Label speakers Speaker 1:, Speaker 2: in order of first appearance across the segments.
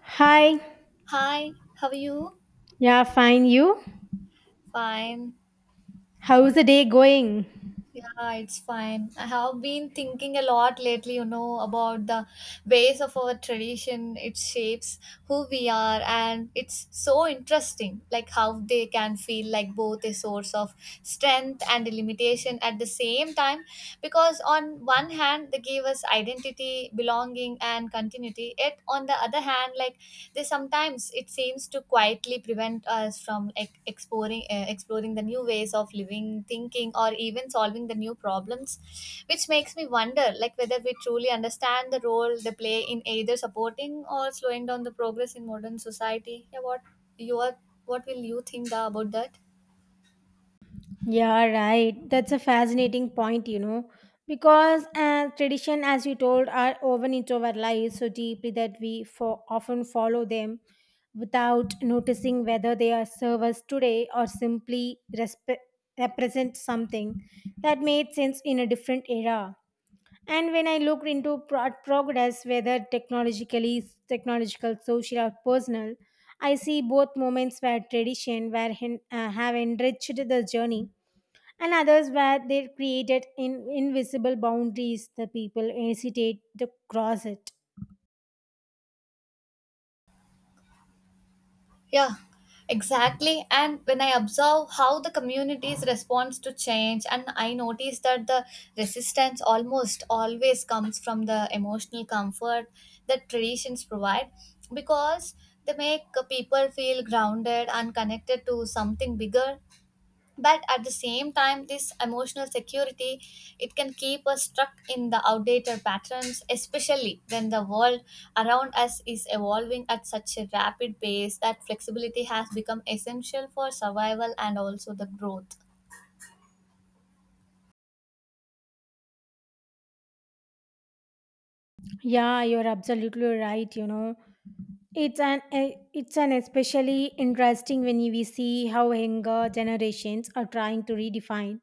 Speaker 1: Hi.
Speaker 2: Hi, how are you?
Speaker 1: Yeah, fine. You?
Speaker 2: Fine.
Speaker 1: How's the day going?
Speaker 2: Yeah, it's fine. I have been thinking a lot lately, about the ways of our tradition. It shapes who we are, and it's so interesting, like how they can feel like both a source of strength and a limitation at the same time. Because on one hand, they give us identity, belonging, and continuity. Yet on the other hand, like they sometimes it seems to quietly prevent us from like exploring exploring the new ways of living, thinking, or even solving the new problems, which makes me wonder like whether we truly understand the role they play in either supporting or slowing down the progress in modern society. Yeah, what you are, what will you think the, about that?
Speaker 1: Yeah, right. That's a fascinating point, you know, because tradition, as you told, are woven into our lives so deeply that we often follow them without noticing whether they are serve us today or simply represent something that made sense in a different era. And when I looked into progress, whether technologically, technological, social or personal, I see both moments where tradition, have enriched the journey, and others where they created invisible boundaries the people hesitate to cross it.
Speaker 2: Yeah, exactly. And when I observe how the communities responds to change, and I notice that the resistance almost always comes from the emotional comfort that traditions provide, because they make people feel grounded and connected to something bigger, but at the same time this emotional security, it can keep us stuck in the outdated patterns, especially when the world around us is evolving at such a rapid pace that flexibility has become essential for survival and also the growth.
Speaker 1: Yeah, you're absolutely right, you know. It's an especially interesting when we see how younger generations are trying to redefine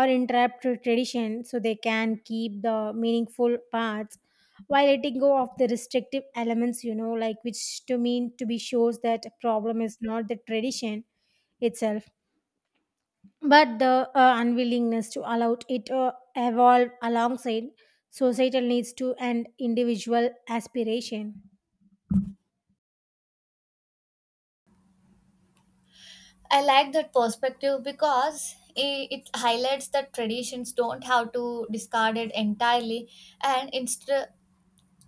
Speaker 1: or interrupt tradition so they can keep the meaningful parts while letting go of the restrictive elements. You know, like which to mean to be shows that problem is not the tradition itself, but the unwillingness to allow it evolve alongside societal needs to and individual aspiration.
Speaker 2: I like that perspective because it highlights that traditions don't have to discard it entirely, and instead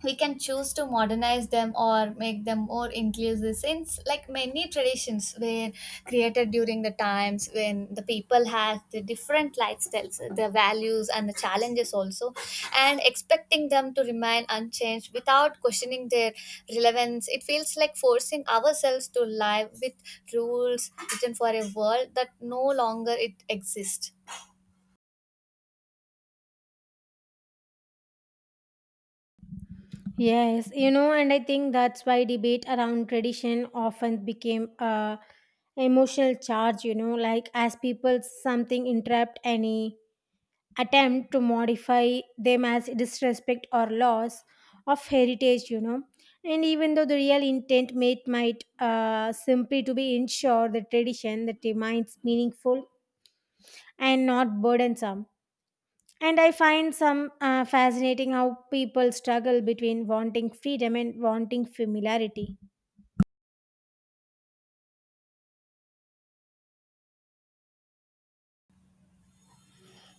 Speaker 2: we can choose to modernize them or make them more inclusive, since like many traditions were created during the times when the people had the different lifestyles, the values, and the challenges also, and expecting them to remain unchanged without questioning their relevance, it feels like forcing ourselves to live with rules written for a world that no longer it exists.
Speaker 1: Yes, you know, and I think that's why debate around tradition often became a emotional charge, you know, like as people something interrupt any attempt to modify them as disrespect or loss of heritage, you know. And even though the real intent might simply to be ensure the tradition that remains meaningful and not burdensome. And I find some fascinating how people struggle between wanting freedom and wanting familiarity.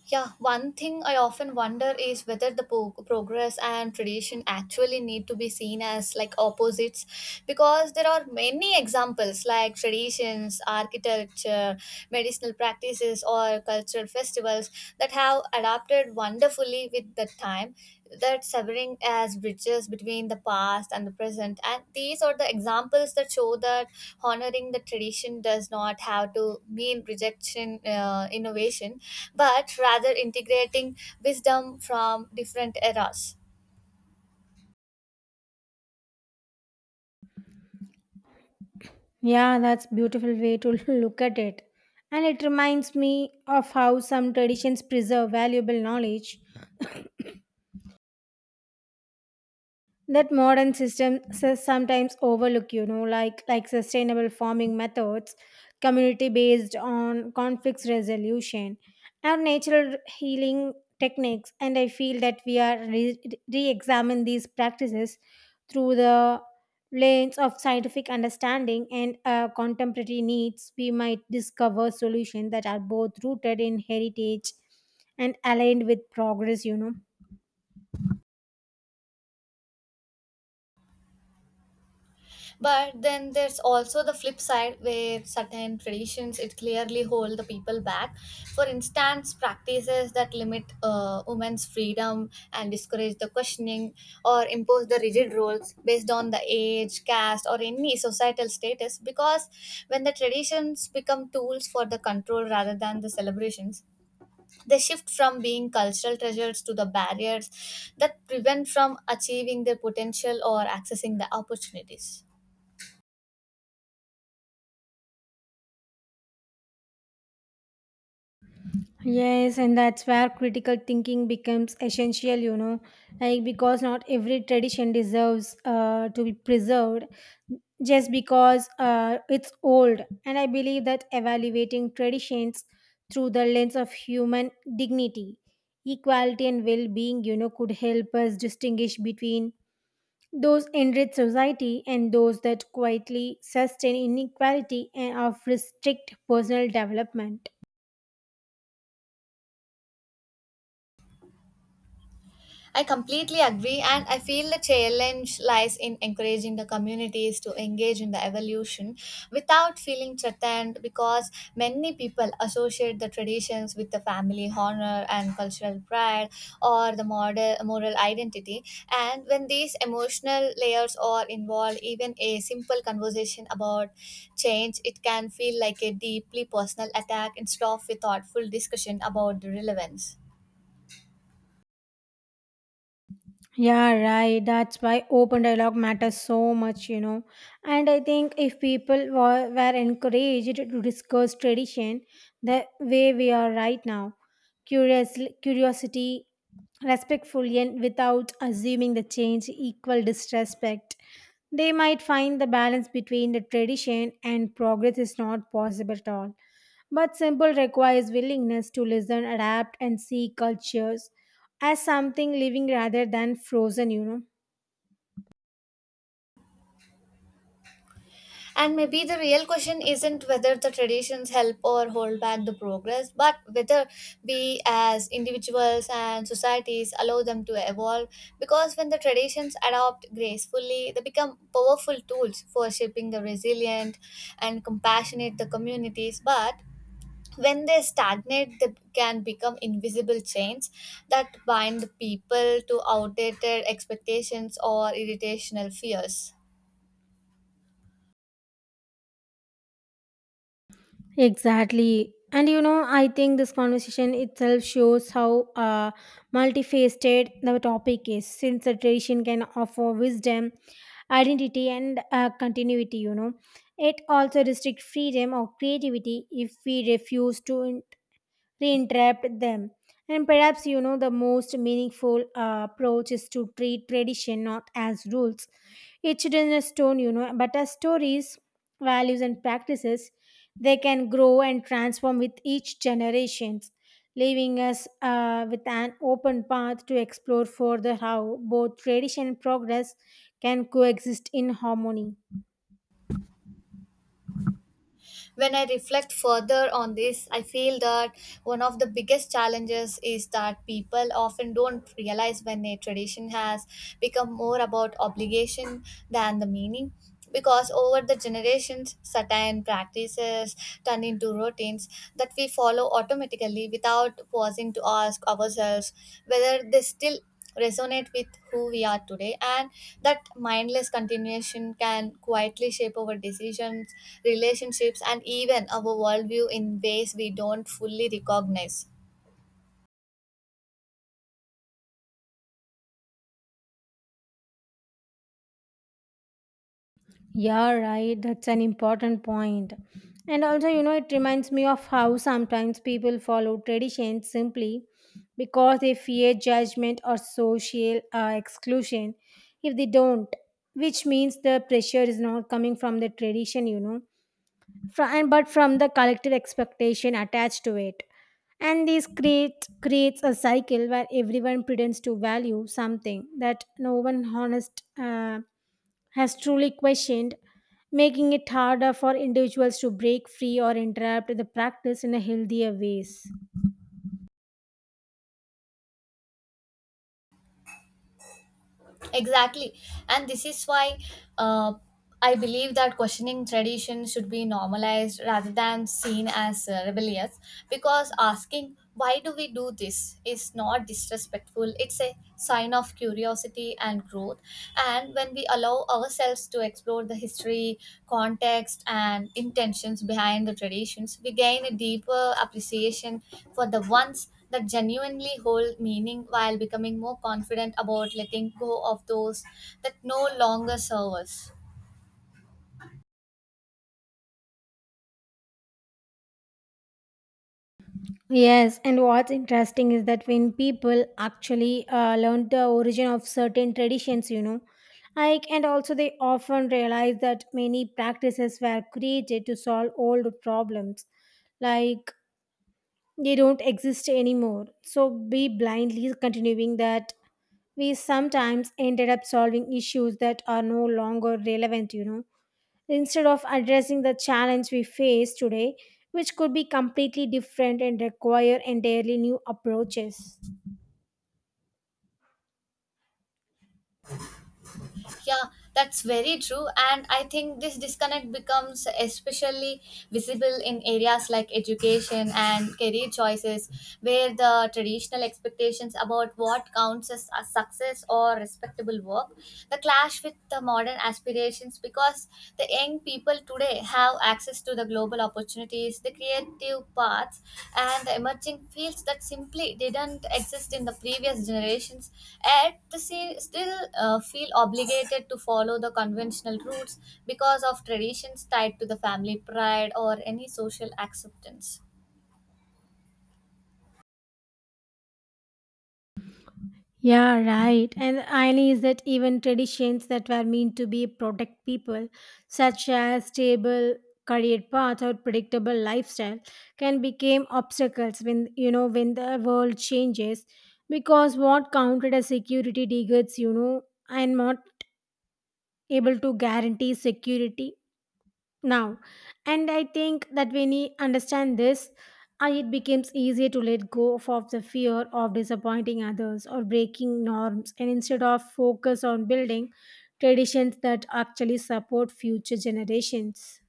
Speaker 2: Yeah, one thing I often wonder is whether the progress and tradition actually need to be seen as like opposites, because there are many examples like traditions, architecture, medicinal practices, or cultural festivals that have adapted wonderfully especially with the time, that severing as bridges between the past and the present. And these are the examples that show that honoring the tradition does not have to mean rejection innovation, but rather integrating wisdom from different eras.
Speaker 1: Yeah, that's beautiful way to look at it. And it reminds me of how some traditions preserve valuable knowledge that modern systems sometimes overlook, you know, like sustainable farming methods, community based on conflicts resolution, and natural healing techniques. And I feel that we are re-examine these practices through the lens of scientific understanding and contemporary needs, we might discover solutions that are both rooted in heritage and aligned with progress, you know.
Speaker 2: But then there's also the flip side where certain traditions it clearly hold the people back. For instance, practices that limit women's freedom and discourage the questioning or impose the rigid roles based on the age, caste, or any societal status. Because when the traditions become tools for the control rather than the celebrations, they shift from being cultural treasures to the barriers that prevent from achieving their potential or accessing the opportunities.
Speaker 1: Yes, and that's where critical thinking becomes essential, you know, like because not every tradition deserves to be preserved just because it's old. And I believe that evaluating traditions through the lens of human dignity, equality, and well being, you know, could help us distinguish between those enriched society and those that quietly sustain inequality and of restrict personal development.
Speaker 2: I completely agree, and I feel the challenge lies in encouraging the communities to engage in the evolution without feeling threatened, because many people associate the traditions with the family honor and cultural pride or the model, moral identity. And when these emotional layers are involved, even a simple conversation about change, it can feel like a deeply personal attack instead of a thoughtful discussion about the relevance.
Speaker 1: Yeah, right. That's why open dialogue matters so much, you know. And I think if were encouraged to discuss tradition the way we are right now, curiosity, respectfully, and without assuming the change equal disrespect, they might find the balance between the tradition and progress is not possible at all. But simple requires willingness to listen, adapt, and see cultures as something living rather than frozen, you know.
Speaker 2: And maybe the real question isn't whether the traditions help or hold back the progress, but whether we as individuals and societies allow them to evolve. Because when the traditions adopt gracefully, they become powerful tools for shaping the resilient and compassionate the communities. But when they stagnate, they can become invisible chains that bind people to outdated expectations or irritational fears.
Speaker 1: Exactly. And you know, I think this conversation itself shows how multifaceted the topic is, since the tradition can offer wisdom, identity, and continuity, you know. It also restricts freedom or creativity if we refuse to reentrapped them. And perhaps, you know, the most meaningful approach is to treat tradition not as rules etched in a stone, you know, but as stories, values, and practices. They can grow and transform with each generations, leaving us with an open path to explore further how both tradition and progress can coexist in harmony.
Speaker 2: When I reflect further on this, I feel that one of the biggest challenges is that people often don't realize when a tradition has become more about obligation than the meaning. Because over the generations, certain practices turn into routines that we follow automatically without pausing to ask ourselves whether they still resonate with who we are today, and that mindless continuation can quietly shape our decisions, relationships, and even our worldview in ways we don't fully recognize.
Speaker 1: Yeah, right. That's an important point. And also, you know, it reminds me of how sometimes people follow traditions simply because they fear judgment or social exclusion if they don't, which means the pressure is not coming from the tradition, you know, but from the collective expectation attached to it. And this creates a cycle where everyone pretends to value something that no one honest. Has truly questioned, making it harder for individuals to break free or interrupt the practice in a healthier ways.
Speaker 2: Exactly. And this is why uh, I believe that questioning tradition should be normalized rather than seen as rebellious, because asking, why do we do this, is not disrespectful. It's a sign of curiosity and growth. And when we allow ourselves to explore the history, context, and intentions behind the traditions, we gain a deeper appreciation for the ones that genuinely hold meaning, while becoming more confident about letting go of those that no longer serve us.
Speaker 1: Yes, and what's interesting is that when people actually learn the origin of certain traditions, you know, like and also they often realize that many practices were created to solve old problems, like they don't exist anymore. So be blindly continuing that, we sometimes ended up solving issues that are no longer relevant, you know, instead of addressing the challenge we face today, which could be completely different and require entirely new approaches.
Speaker 2: Yeah, that's very true. And I think this disconnect becomes especially visible in areas like education and career choices, where the traditional expectations about what counts as a success or respectable work, the clash with the modern aspirations, because the young people today have access to the global opportunities, the creative paths, and the emerging fields that simply didn't exist in the previous generations, yet they still feel obligated to follow the conventional routes because of traditions tied to the family pride or any social acceptance.
Speaker 1: Yeah, right. And the irony is that even traditions that were meant to be protect people, such as stable career path or predictable lifestyle, can become obstacles when, you know, when the world changes. Because what counted as security degrades, you know, and not able to guarantee security now. And I think that when we understand this, it becomes easier to let go of the fear of disappointing others or breaking norms, and instead of focus on building traditions that actually support future generations.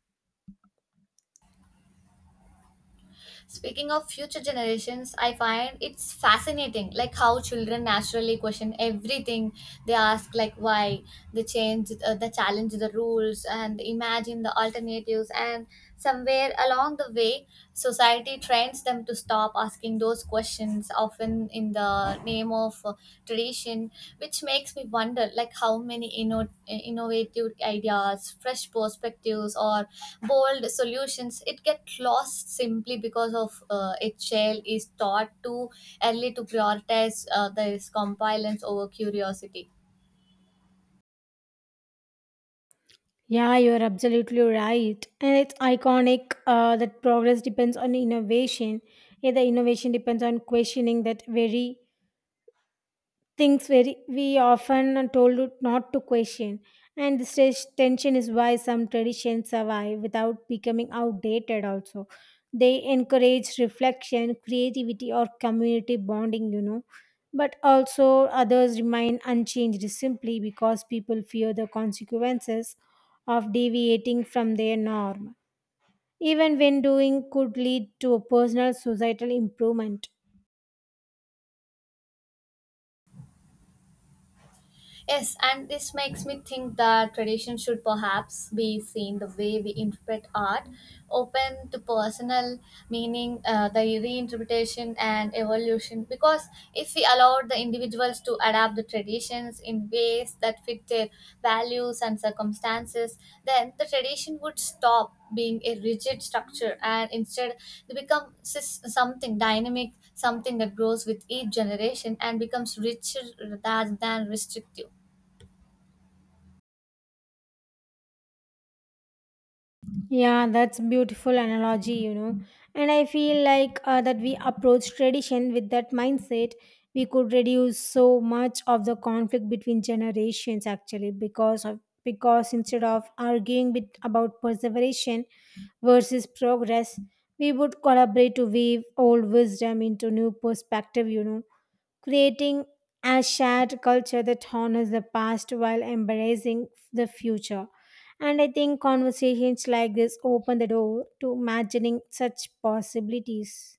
Speaker 2: Speaking of future generations, I find it's fascinating, like how children naturally question everything. They ask like why, they change, they challenge the rules, and imagine the alternatives. And somewhere along the way, society trains them to stop asking those questions, often in the name of tradition, which makes me wonder like how many innovative ideas, fresh perspectives, or bold solutions it gets lost simply because of HL is taught too early to prioritize this compliance over curiosity.
Speaker 1: Yeah, you're absolutely right. And it's iconic that progress depends on innovation. Yeah, the innovation depends on questioning that very things very we often are told not to question. And this tension is why some traditions survive without becoming outdated also. They encourage reflection, creativity or community bonding, you know. But also others remain unchanged simply because people fear the consequences of deviating from their norm, even when doing could lead to personal societal improvement.
Speaker 2: Yes, and this makes me think that tradition should perhaps be seen the way we interpret art, open to personal meaning, the reinterpretation and evolution. Because if we allowed the individuals to adapt the traditions in ways that fit their values and circumstances, then the tradition would stop being a rigid structure, and instead they become something dynamic, something that grows with each generation and becomes richer rather than restrictive.
Speaker 1: Yeah, that's beautiful analogy, you know. And I feel like that we approach tradition with that mindset, we could reduce so much of the conflict between generations actually, because of because instead of about perseveration versus progress, we would collaborate to weave old wisdom into new perspective, you know, creating a shared culture that honors the past while embracing the future. And I think conversations like this open the door to imagining such possibilities.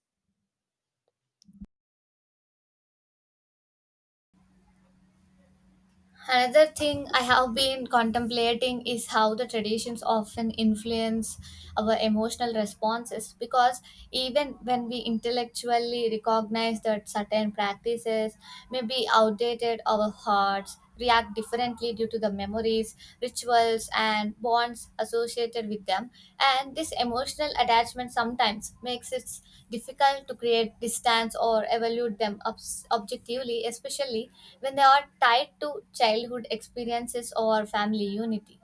Speaker 2: Another thing I have been contemplating is how the traditions often influence our emotional responses, because even when we intellectually recognize that certain practices may be outdated, our hearts react differently due to the memories, rituals, and bonds associated with them. And this emotional attachment sometimes makes it difficult to create distance or evaluate them objectively, especially when they are tied to childhood experiences or family unity.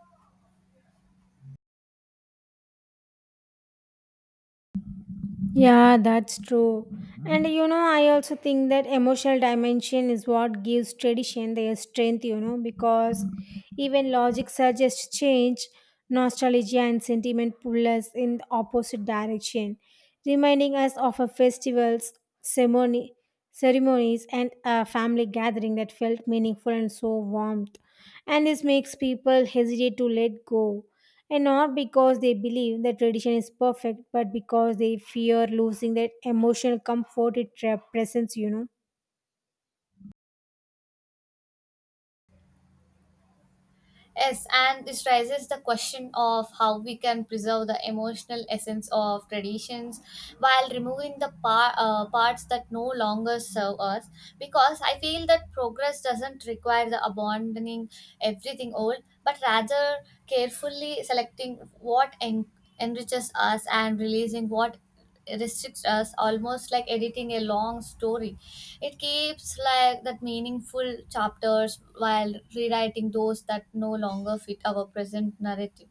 Speaker 1: Yeah, that's true. And you know, I also think that emotional dimension is what gives tradition their strength, you know, because even logic suggests change, nostalgia and sentiment pull us in the opposite direction, reminding us of our festivals, ceremony, ceremonies, and a family gathering that felt meaningful and so warmth. And this makes people hesitate to let go, and not because they believe the tradition is perfect, but because they fear losing that emotional comfort it represents, you know.
Speaker 2: Yes, and this raises the question of how we can preserve the emotional essence of traditions while removing the parts that no longer serve us. Because I feel that progress doesn't require the abandoning everything old, but rather carefully selecting what enriches us and releasing what restricts us, almost like editing a long story. It keeps like that meaningful chapters while rewriting those that no longer fit our present narrative.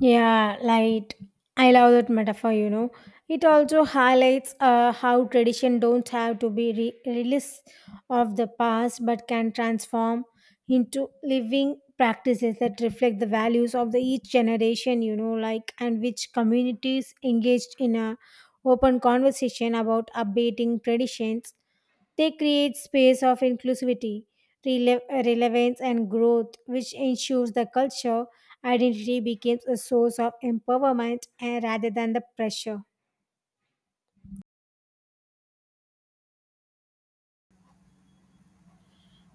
Speaker 1: Yeah, like I love that metaphor, you know. It also highlights how tradition don't have to be release of the past, but can transform into living practices that reflect the values of the each generation, you know, like and which communities engaged in a open conversation about updating traditions. They create space of inclusivity, relevance, and growth, which ensures the culture identity becomes a source of empowerment and rather than the pressure.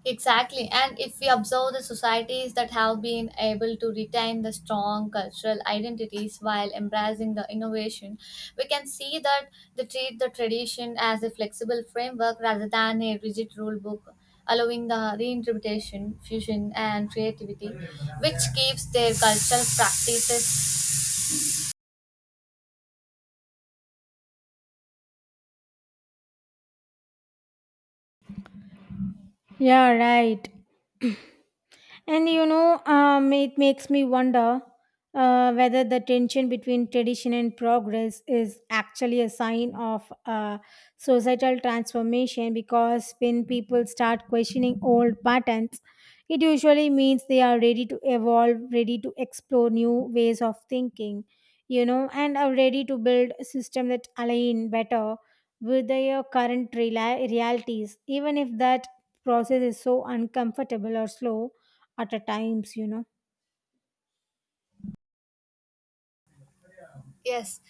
Speaker 2: Exactly. And if we observe the societies that have been able to retain the strong cultural identities while embracing the innovation, we can see that they treat the tradition as a flexible framework rather than a rigid rule book, allowing the reinterpretation, fusion, and creativity, which keeps their cultural practices.
Speaker 1: Yeah, right. And you know, it makes me wonder whether the tension between tradition and progress is actually a sign of societal transformation, because when people start questioning old patterns, it usually means they are ready to evolve, ready to explore new ways of thinking, you know, and are ready to build a system that align better with their current realities, even if that process is so uncomfortable or slow at a times, you know.
Speaker 2: Yes,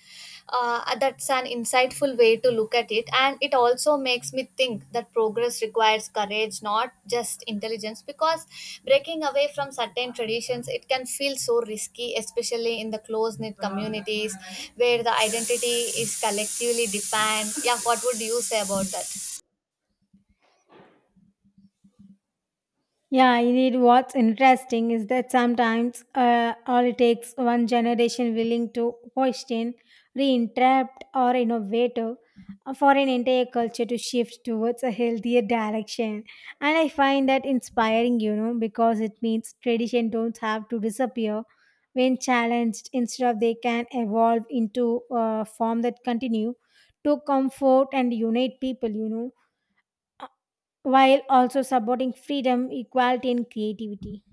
Speaker 2: that's an insightful way to look at it, and it also makes me think that progress requires courage, not just intelligence. Because breaking away from certain traditions, it can feel so risky, especially in the close knit communities where the identity is collectively defined. Yeah, what would you say about that?
Speaker 1: Yeah, indeed. What's interesting is that sometimes all it takes one generation willing to question, reinterrupt, or innovate for an entire culture to shift towards a healthier direction. And I find that inspiring, you know, because it means tradition don't have to disappear when challenged. Instead of they can evolve into a form that continue to comfort and unite people, you know, while also supporting freedom, equality, and creativity.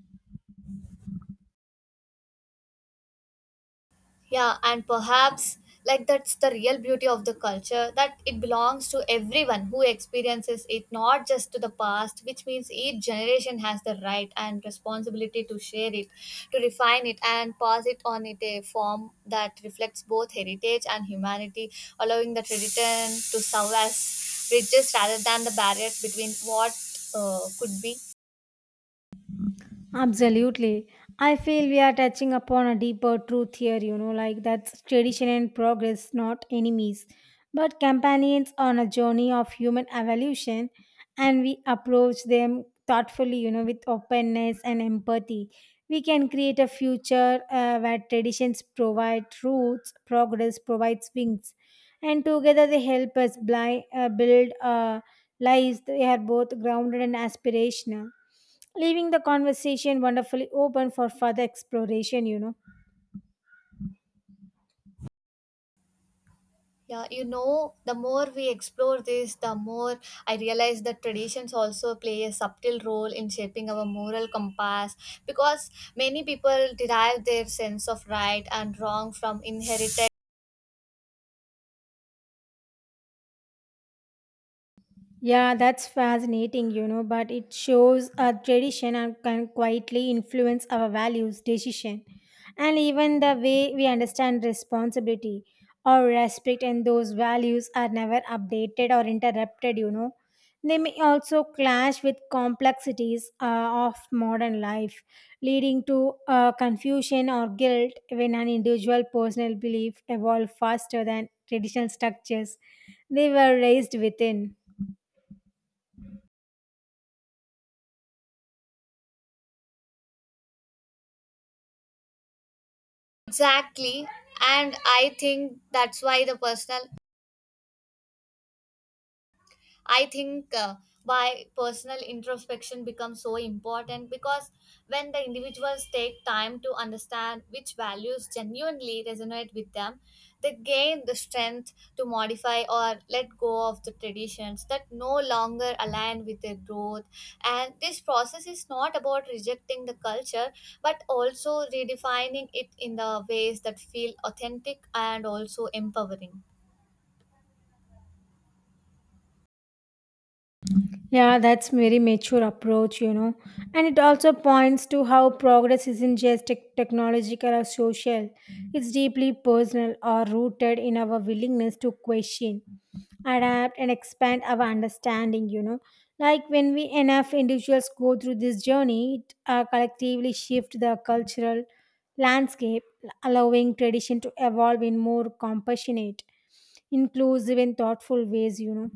Speaker 2: Yeah, and perhaps like that's the real beauty of the culture, that it belongs to everyone who experiences it, not just to the past, which means each generation has the right and responsibility to share it, to refine it, and pass it on in a form that reflects both heritage and humanity, allowing the tradition to serve as bridges rather than the barriers between what could be.
Speaker 1: Absolutely. I feel we are touching upon a deeper truth here, you know, like that's tradition and progress, not enemies, but companions on a journey of human evolution, and we approach them thoughtfully, you know, with openness and empathy. We can create a future where traditions provide roots, progress provides wings, and together they help us build lives that are both grounded and aspirational, leaving the conversation wonderfully open for further exploration, you know.
Speaker 2: Yeah, you know, the more we explore this, the more I realize that traditions also play a subtle role in shaping our moral compass, because many people derive their sense of right and wrong from inherited.
Speaker 1: Yeah, that's fascinating, you know, but it shows a tradition and can quietly influence our values, decision, and even the way we understand responsibility or respect. And those values are never updated or interrupted, you know. They may also clash with complexities of modern life, leading to confusion or guilt when an individual personal belief evolve faster than traditional structures they were raised within.
Speaker 2: Exactly. And I think that's why the personal, I think why personal introspection becomes so important, because when the individuals take time to understand which values genuinely resonate with them, they gain the strength to modify or let go of the traditions that no longer align with their growth. And this process is not about rejecting the culture, but also redefining it in the ways that feel authentic and also empowering.
Speaker 1: Yeah, that's very mature approach, you know. And it also points to how progress isn't just technological or social. It's deeply personal or rooted in our willingness to question, adapt and expand our understanding, you know. Like when we enough individuals go through this journey, it collectively shift the cultural landscape, allowing tradition to evolve in more compassionate, inclusive and thoughtful ways, you know.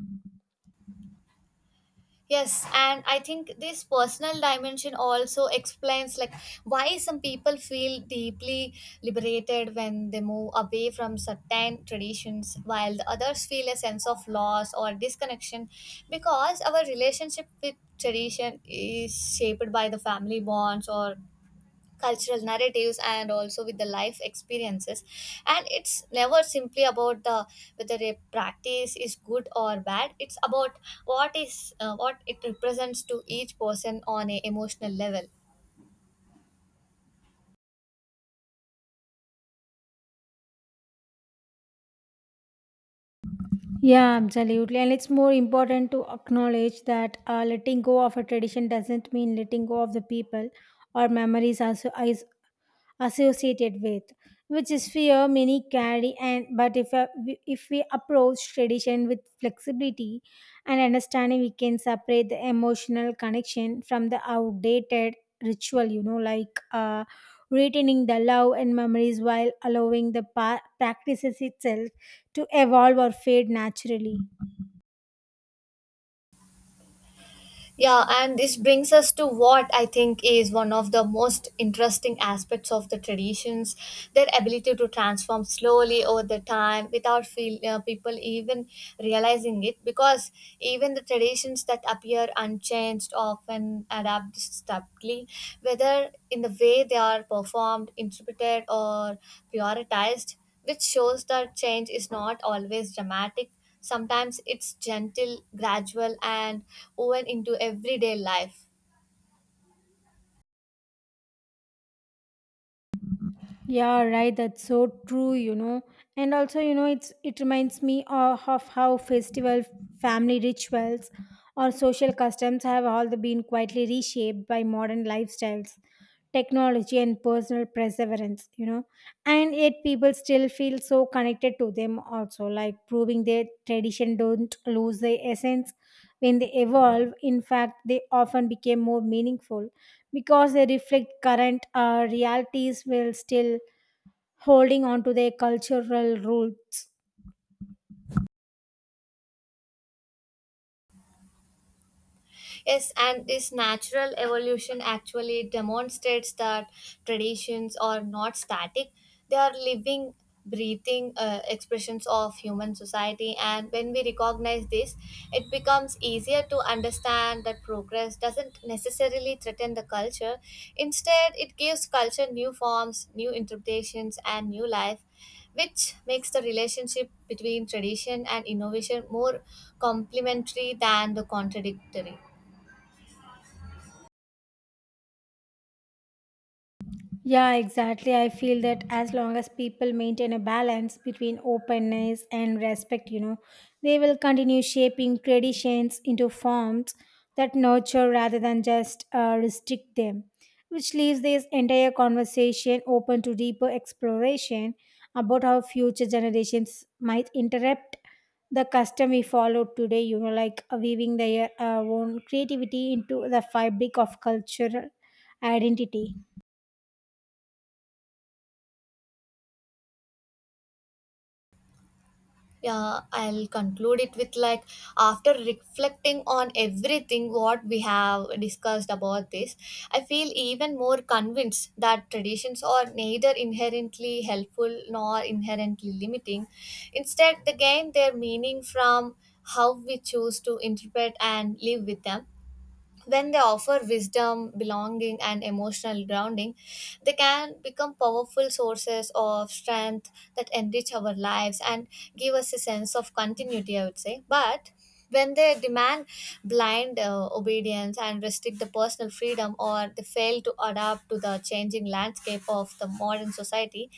Speaker 2: Yes, and I think this personal dimension also explains like why some people feel deeply liberated when they move away from certain traditions, while the others feel a sense of loss or disconnection, because our relationship with tradition is shaped by the family bonds or cultural narratives and also with the life experiences, and it's never simply about the whether a practice is good or bad. It's about what is, what it represents to each person on a emotional level.
Speaker 1: Yeah, absolutely. And it's more important to acknowledge that letting go of a tradition doesn't mean letting go of the people or memories as associated with, which is fear many carry. And but if if we approach tradition with flexibility and understanding, we can separate the emotional connection from the outdated ritual, you know, like retaining the love and memories while allowing the practices itself to evolve or fade naturally.
Speaker 2: Yeah, and this brings us to what I think is one of the most interesting aspects of the traditions, their ability to transform slowly over the time without people even realizing it. Because even the traditions that appear unchanged often adapt subtly, whether in the way they are performed, interpreted, or prioritized, which shows that change is not always dramatic. Sometimes it's gentle, gradual, and woven into everyday life.
Speaker 1: Yeah, right. That's so true, you know. And also, you know, it reminds me of how festival, family rituals or social customs have all the been quietly reshaped by modern lifestyles, technology and personal perseverance, you know. And yet people still feel so connected to them also, like proving their tradition don't lose their essence when they evolve. In fact, they often became more meaningful because they reflect current realities will still holding on to their cultural roots.
Speaker 2: Yes, and this natural evolution actually demonstrates that traditions are not static, they are living, breathing expressions of human society. And when we recognize this, it becomes easier to understand that progress doesn't necessarily threaten the culture. Instead, it gives culture new forms, new interpretations, and new life, which makes the relationship between tradition and innovation more complementary than the contradictory.
Speaker 1: Yeah, exactly. I feel that as long as people maintain a balance between openness and respect, you know, they will continue shaping traditions into forms that nurture rather than just restrict them, which leaves this entire conversation open to deeper exploration about how future generations might interrupt the custom we follow today, you know, like weaving their own creativity into the fabric of cultural identity.
Speaker 2: Yeah, I'll conclude it with like, after reflecting on everything what we have discussed about this, I feel even more convinced that traditions are neither inherently helpful nor inherently limiting. Instead, they gain their meaning from how we choose to interpret and live with them. When they offer wisdom, belonging, and emotional grounding, they can become powerful sources of strength that enrich our lives and give us a sense of continuity, I would say. But when they demand blind obedience and restrict the personal freedom, or they fail to adapt to the changing landscape of the modern society,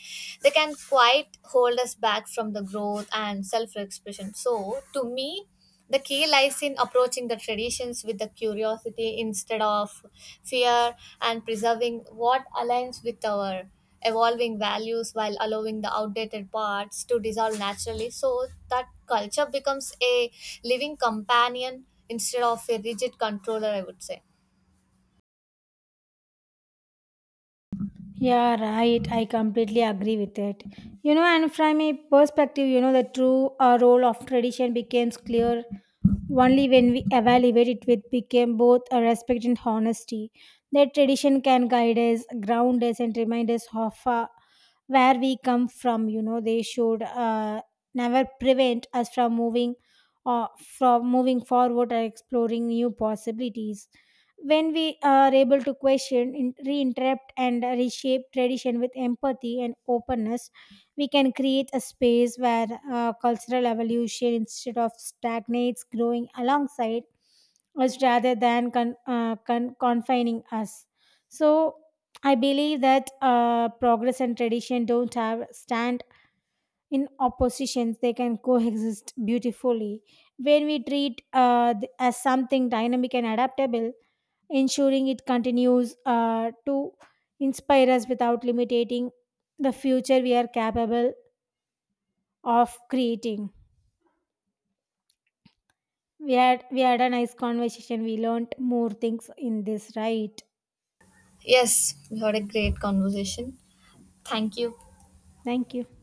Speaker 2: they can quite hold us back from the growth and self expression. So, to me, the key lies in approaching the traditions with the curiosity instead of fear, and preserving what aligns with our evolving values while allowing the outdated parts to dissolve naturally, so that culture becomes a living companion instead of a rigid controller, I would say.
Speaker 1: Yeah, right. I completely agree with it. You know, and from a perspective, you know, the true role of tradition becomes clear only when we evaluate it with became both a respect and honesty. That tradition can guide us, ground us, and remind us of where we come from. You know, they should never prevent us from from moving forward or exploring new possibilities. When we are able to question, reinterrupt, and reshape tradition with empathy and openness, we can create a space where cultural evolution, instead of stagnates, growing alongside us rather than confining us. So I believe that progress and tradition don't have stand in oppositions. They can coexist beautifully when we treat as something dynamic and adaptable, ensuring it continues to inspire us without limiting the future we are capable of creating. We had a nice conversation. We learned more things in this, right?
Speaker 2: Yes, we had a great conversation. Thank you.
Speaker 1: Thank you.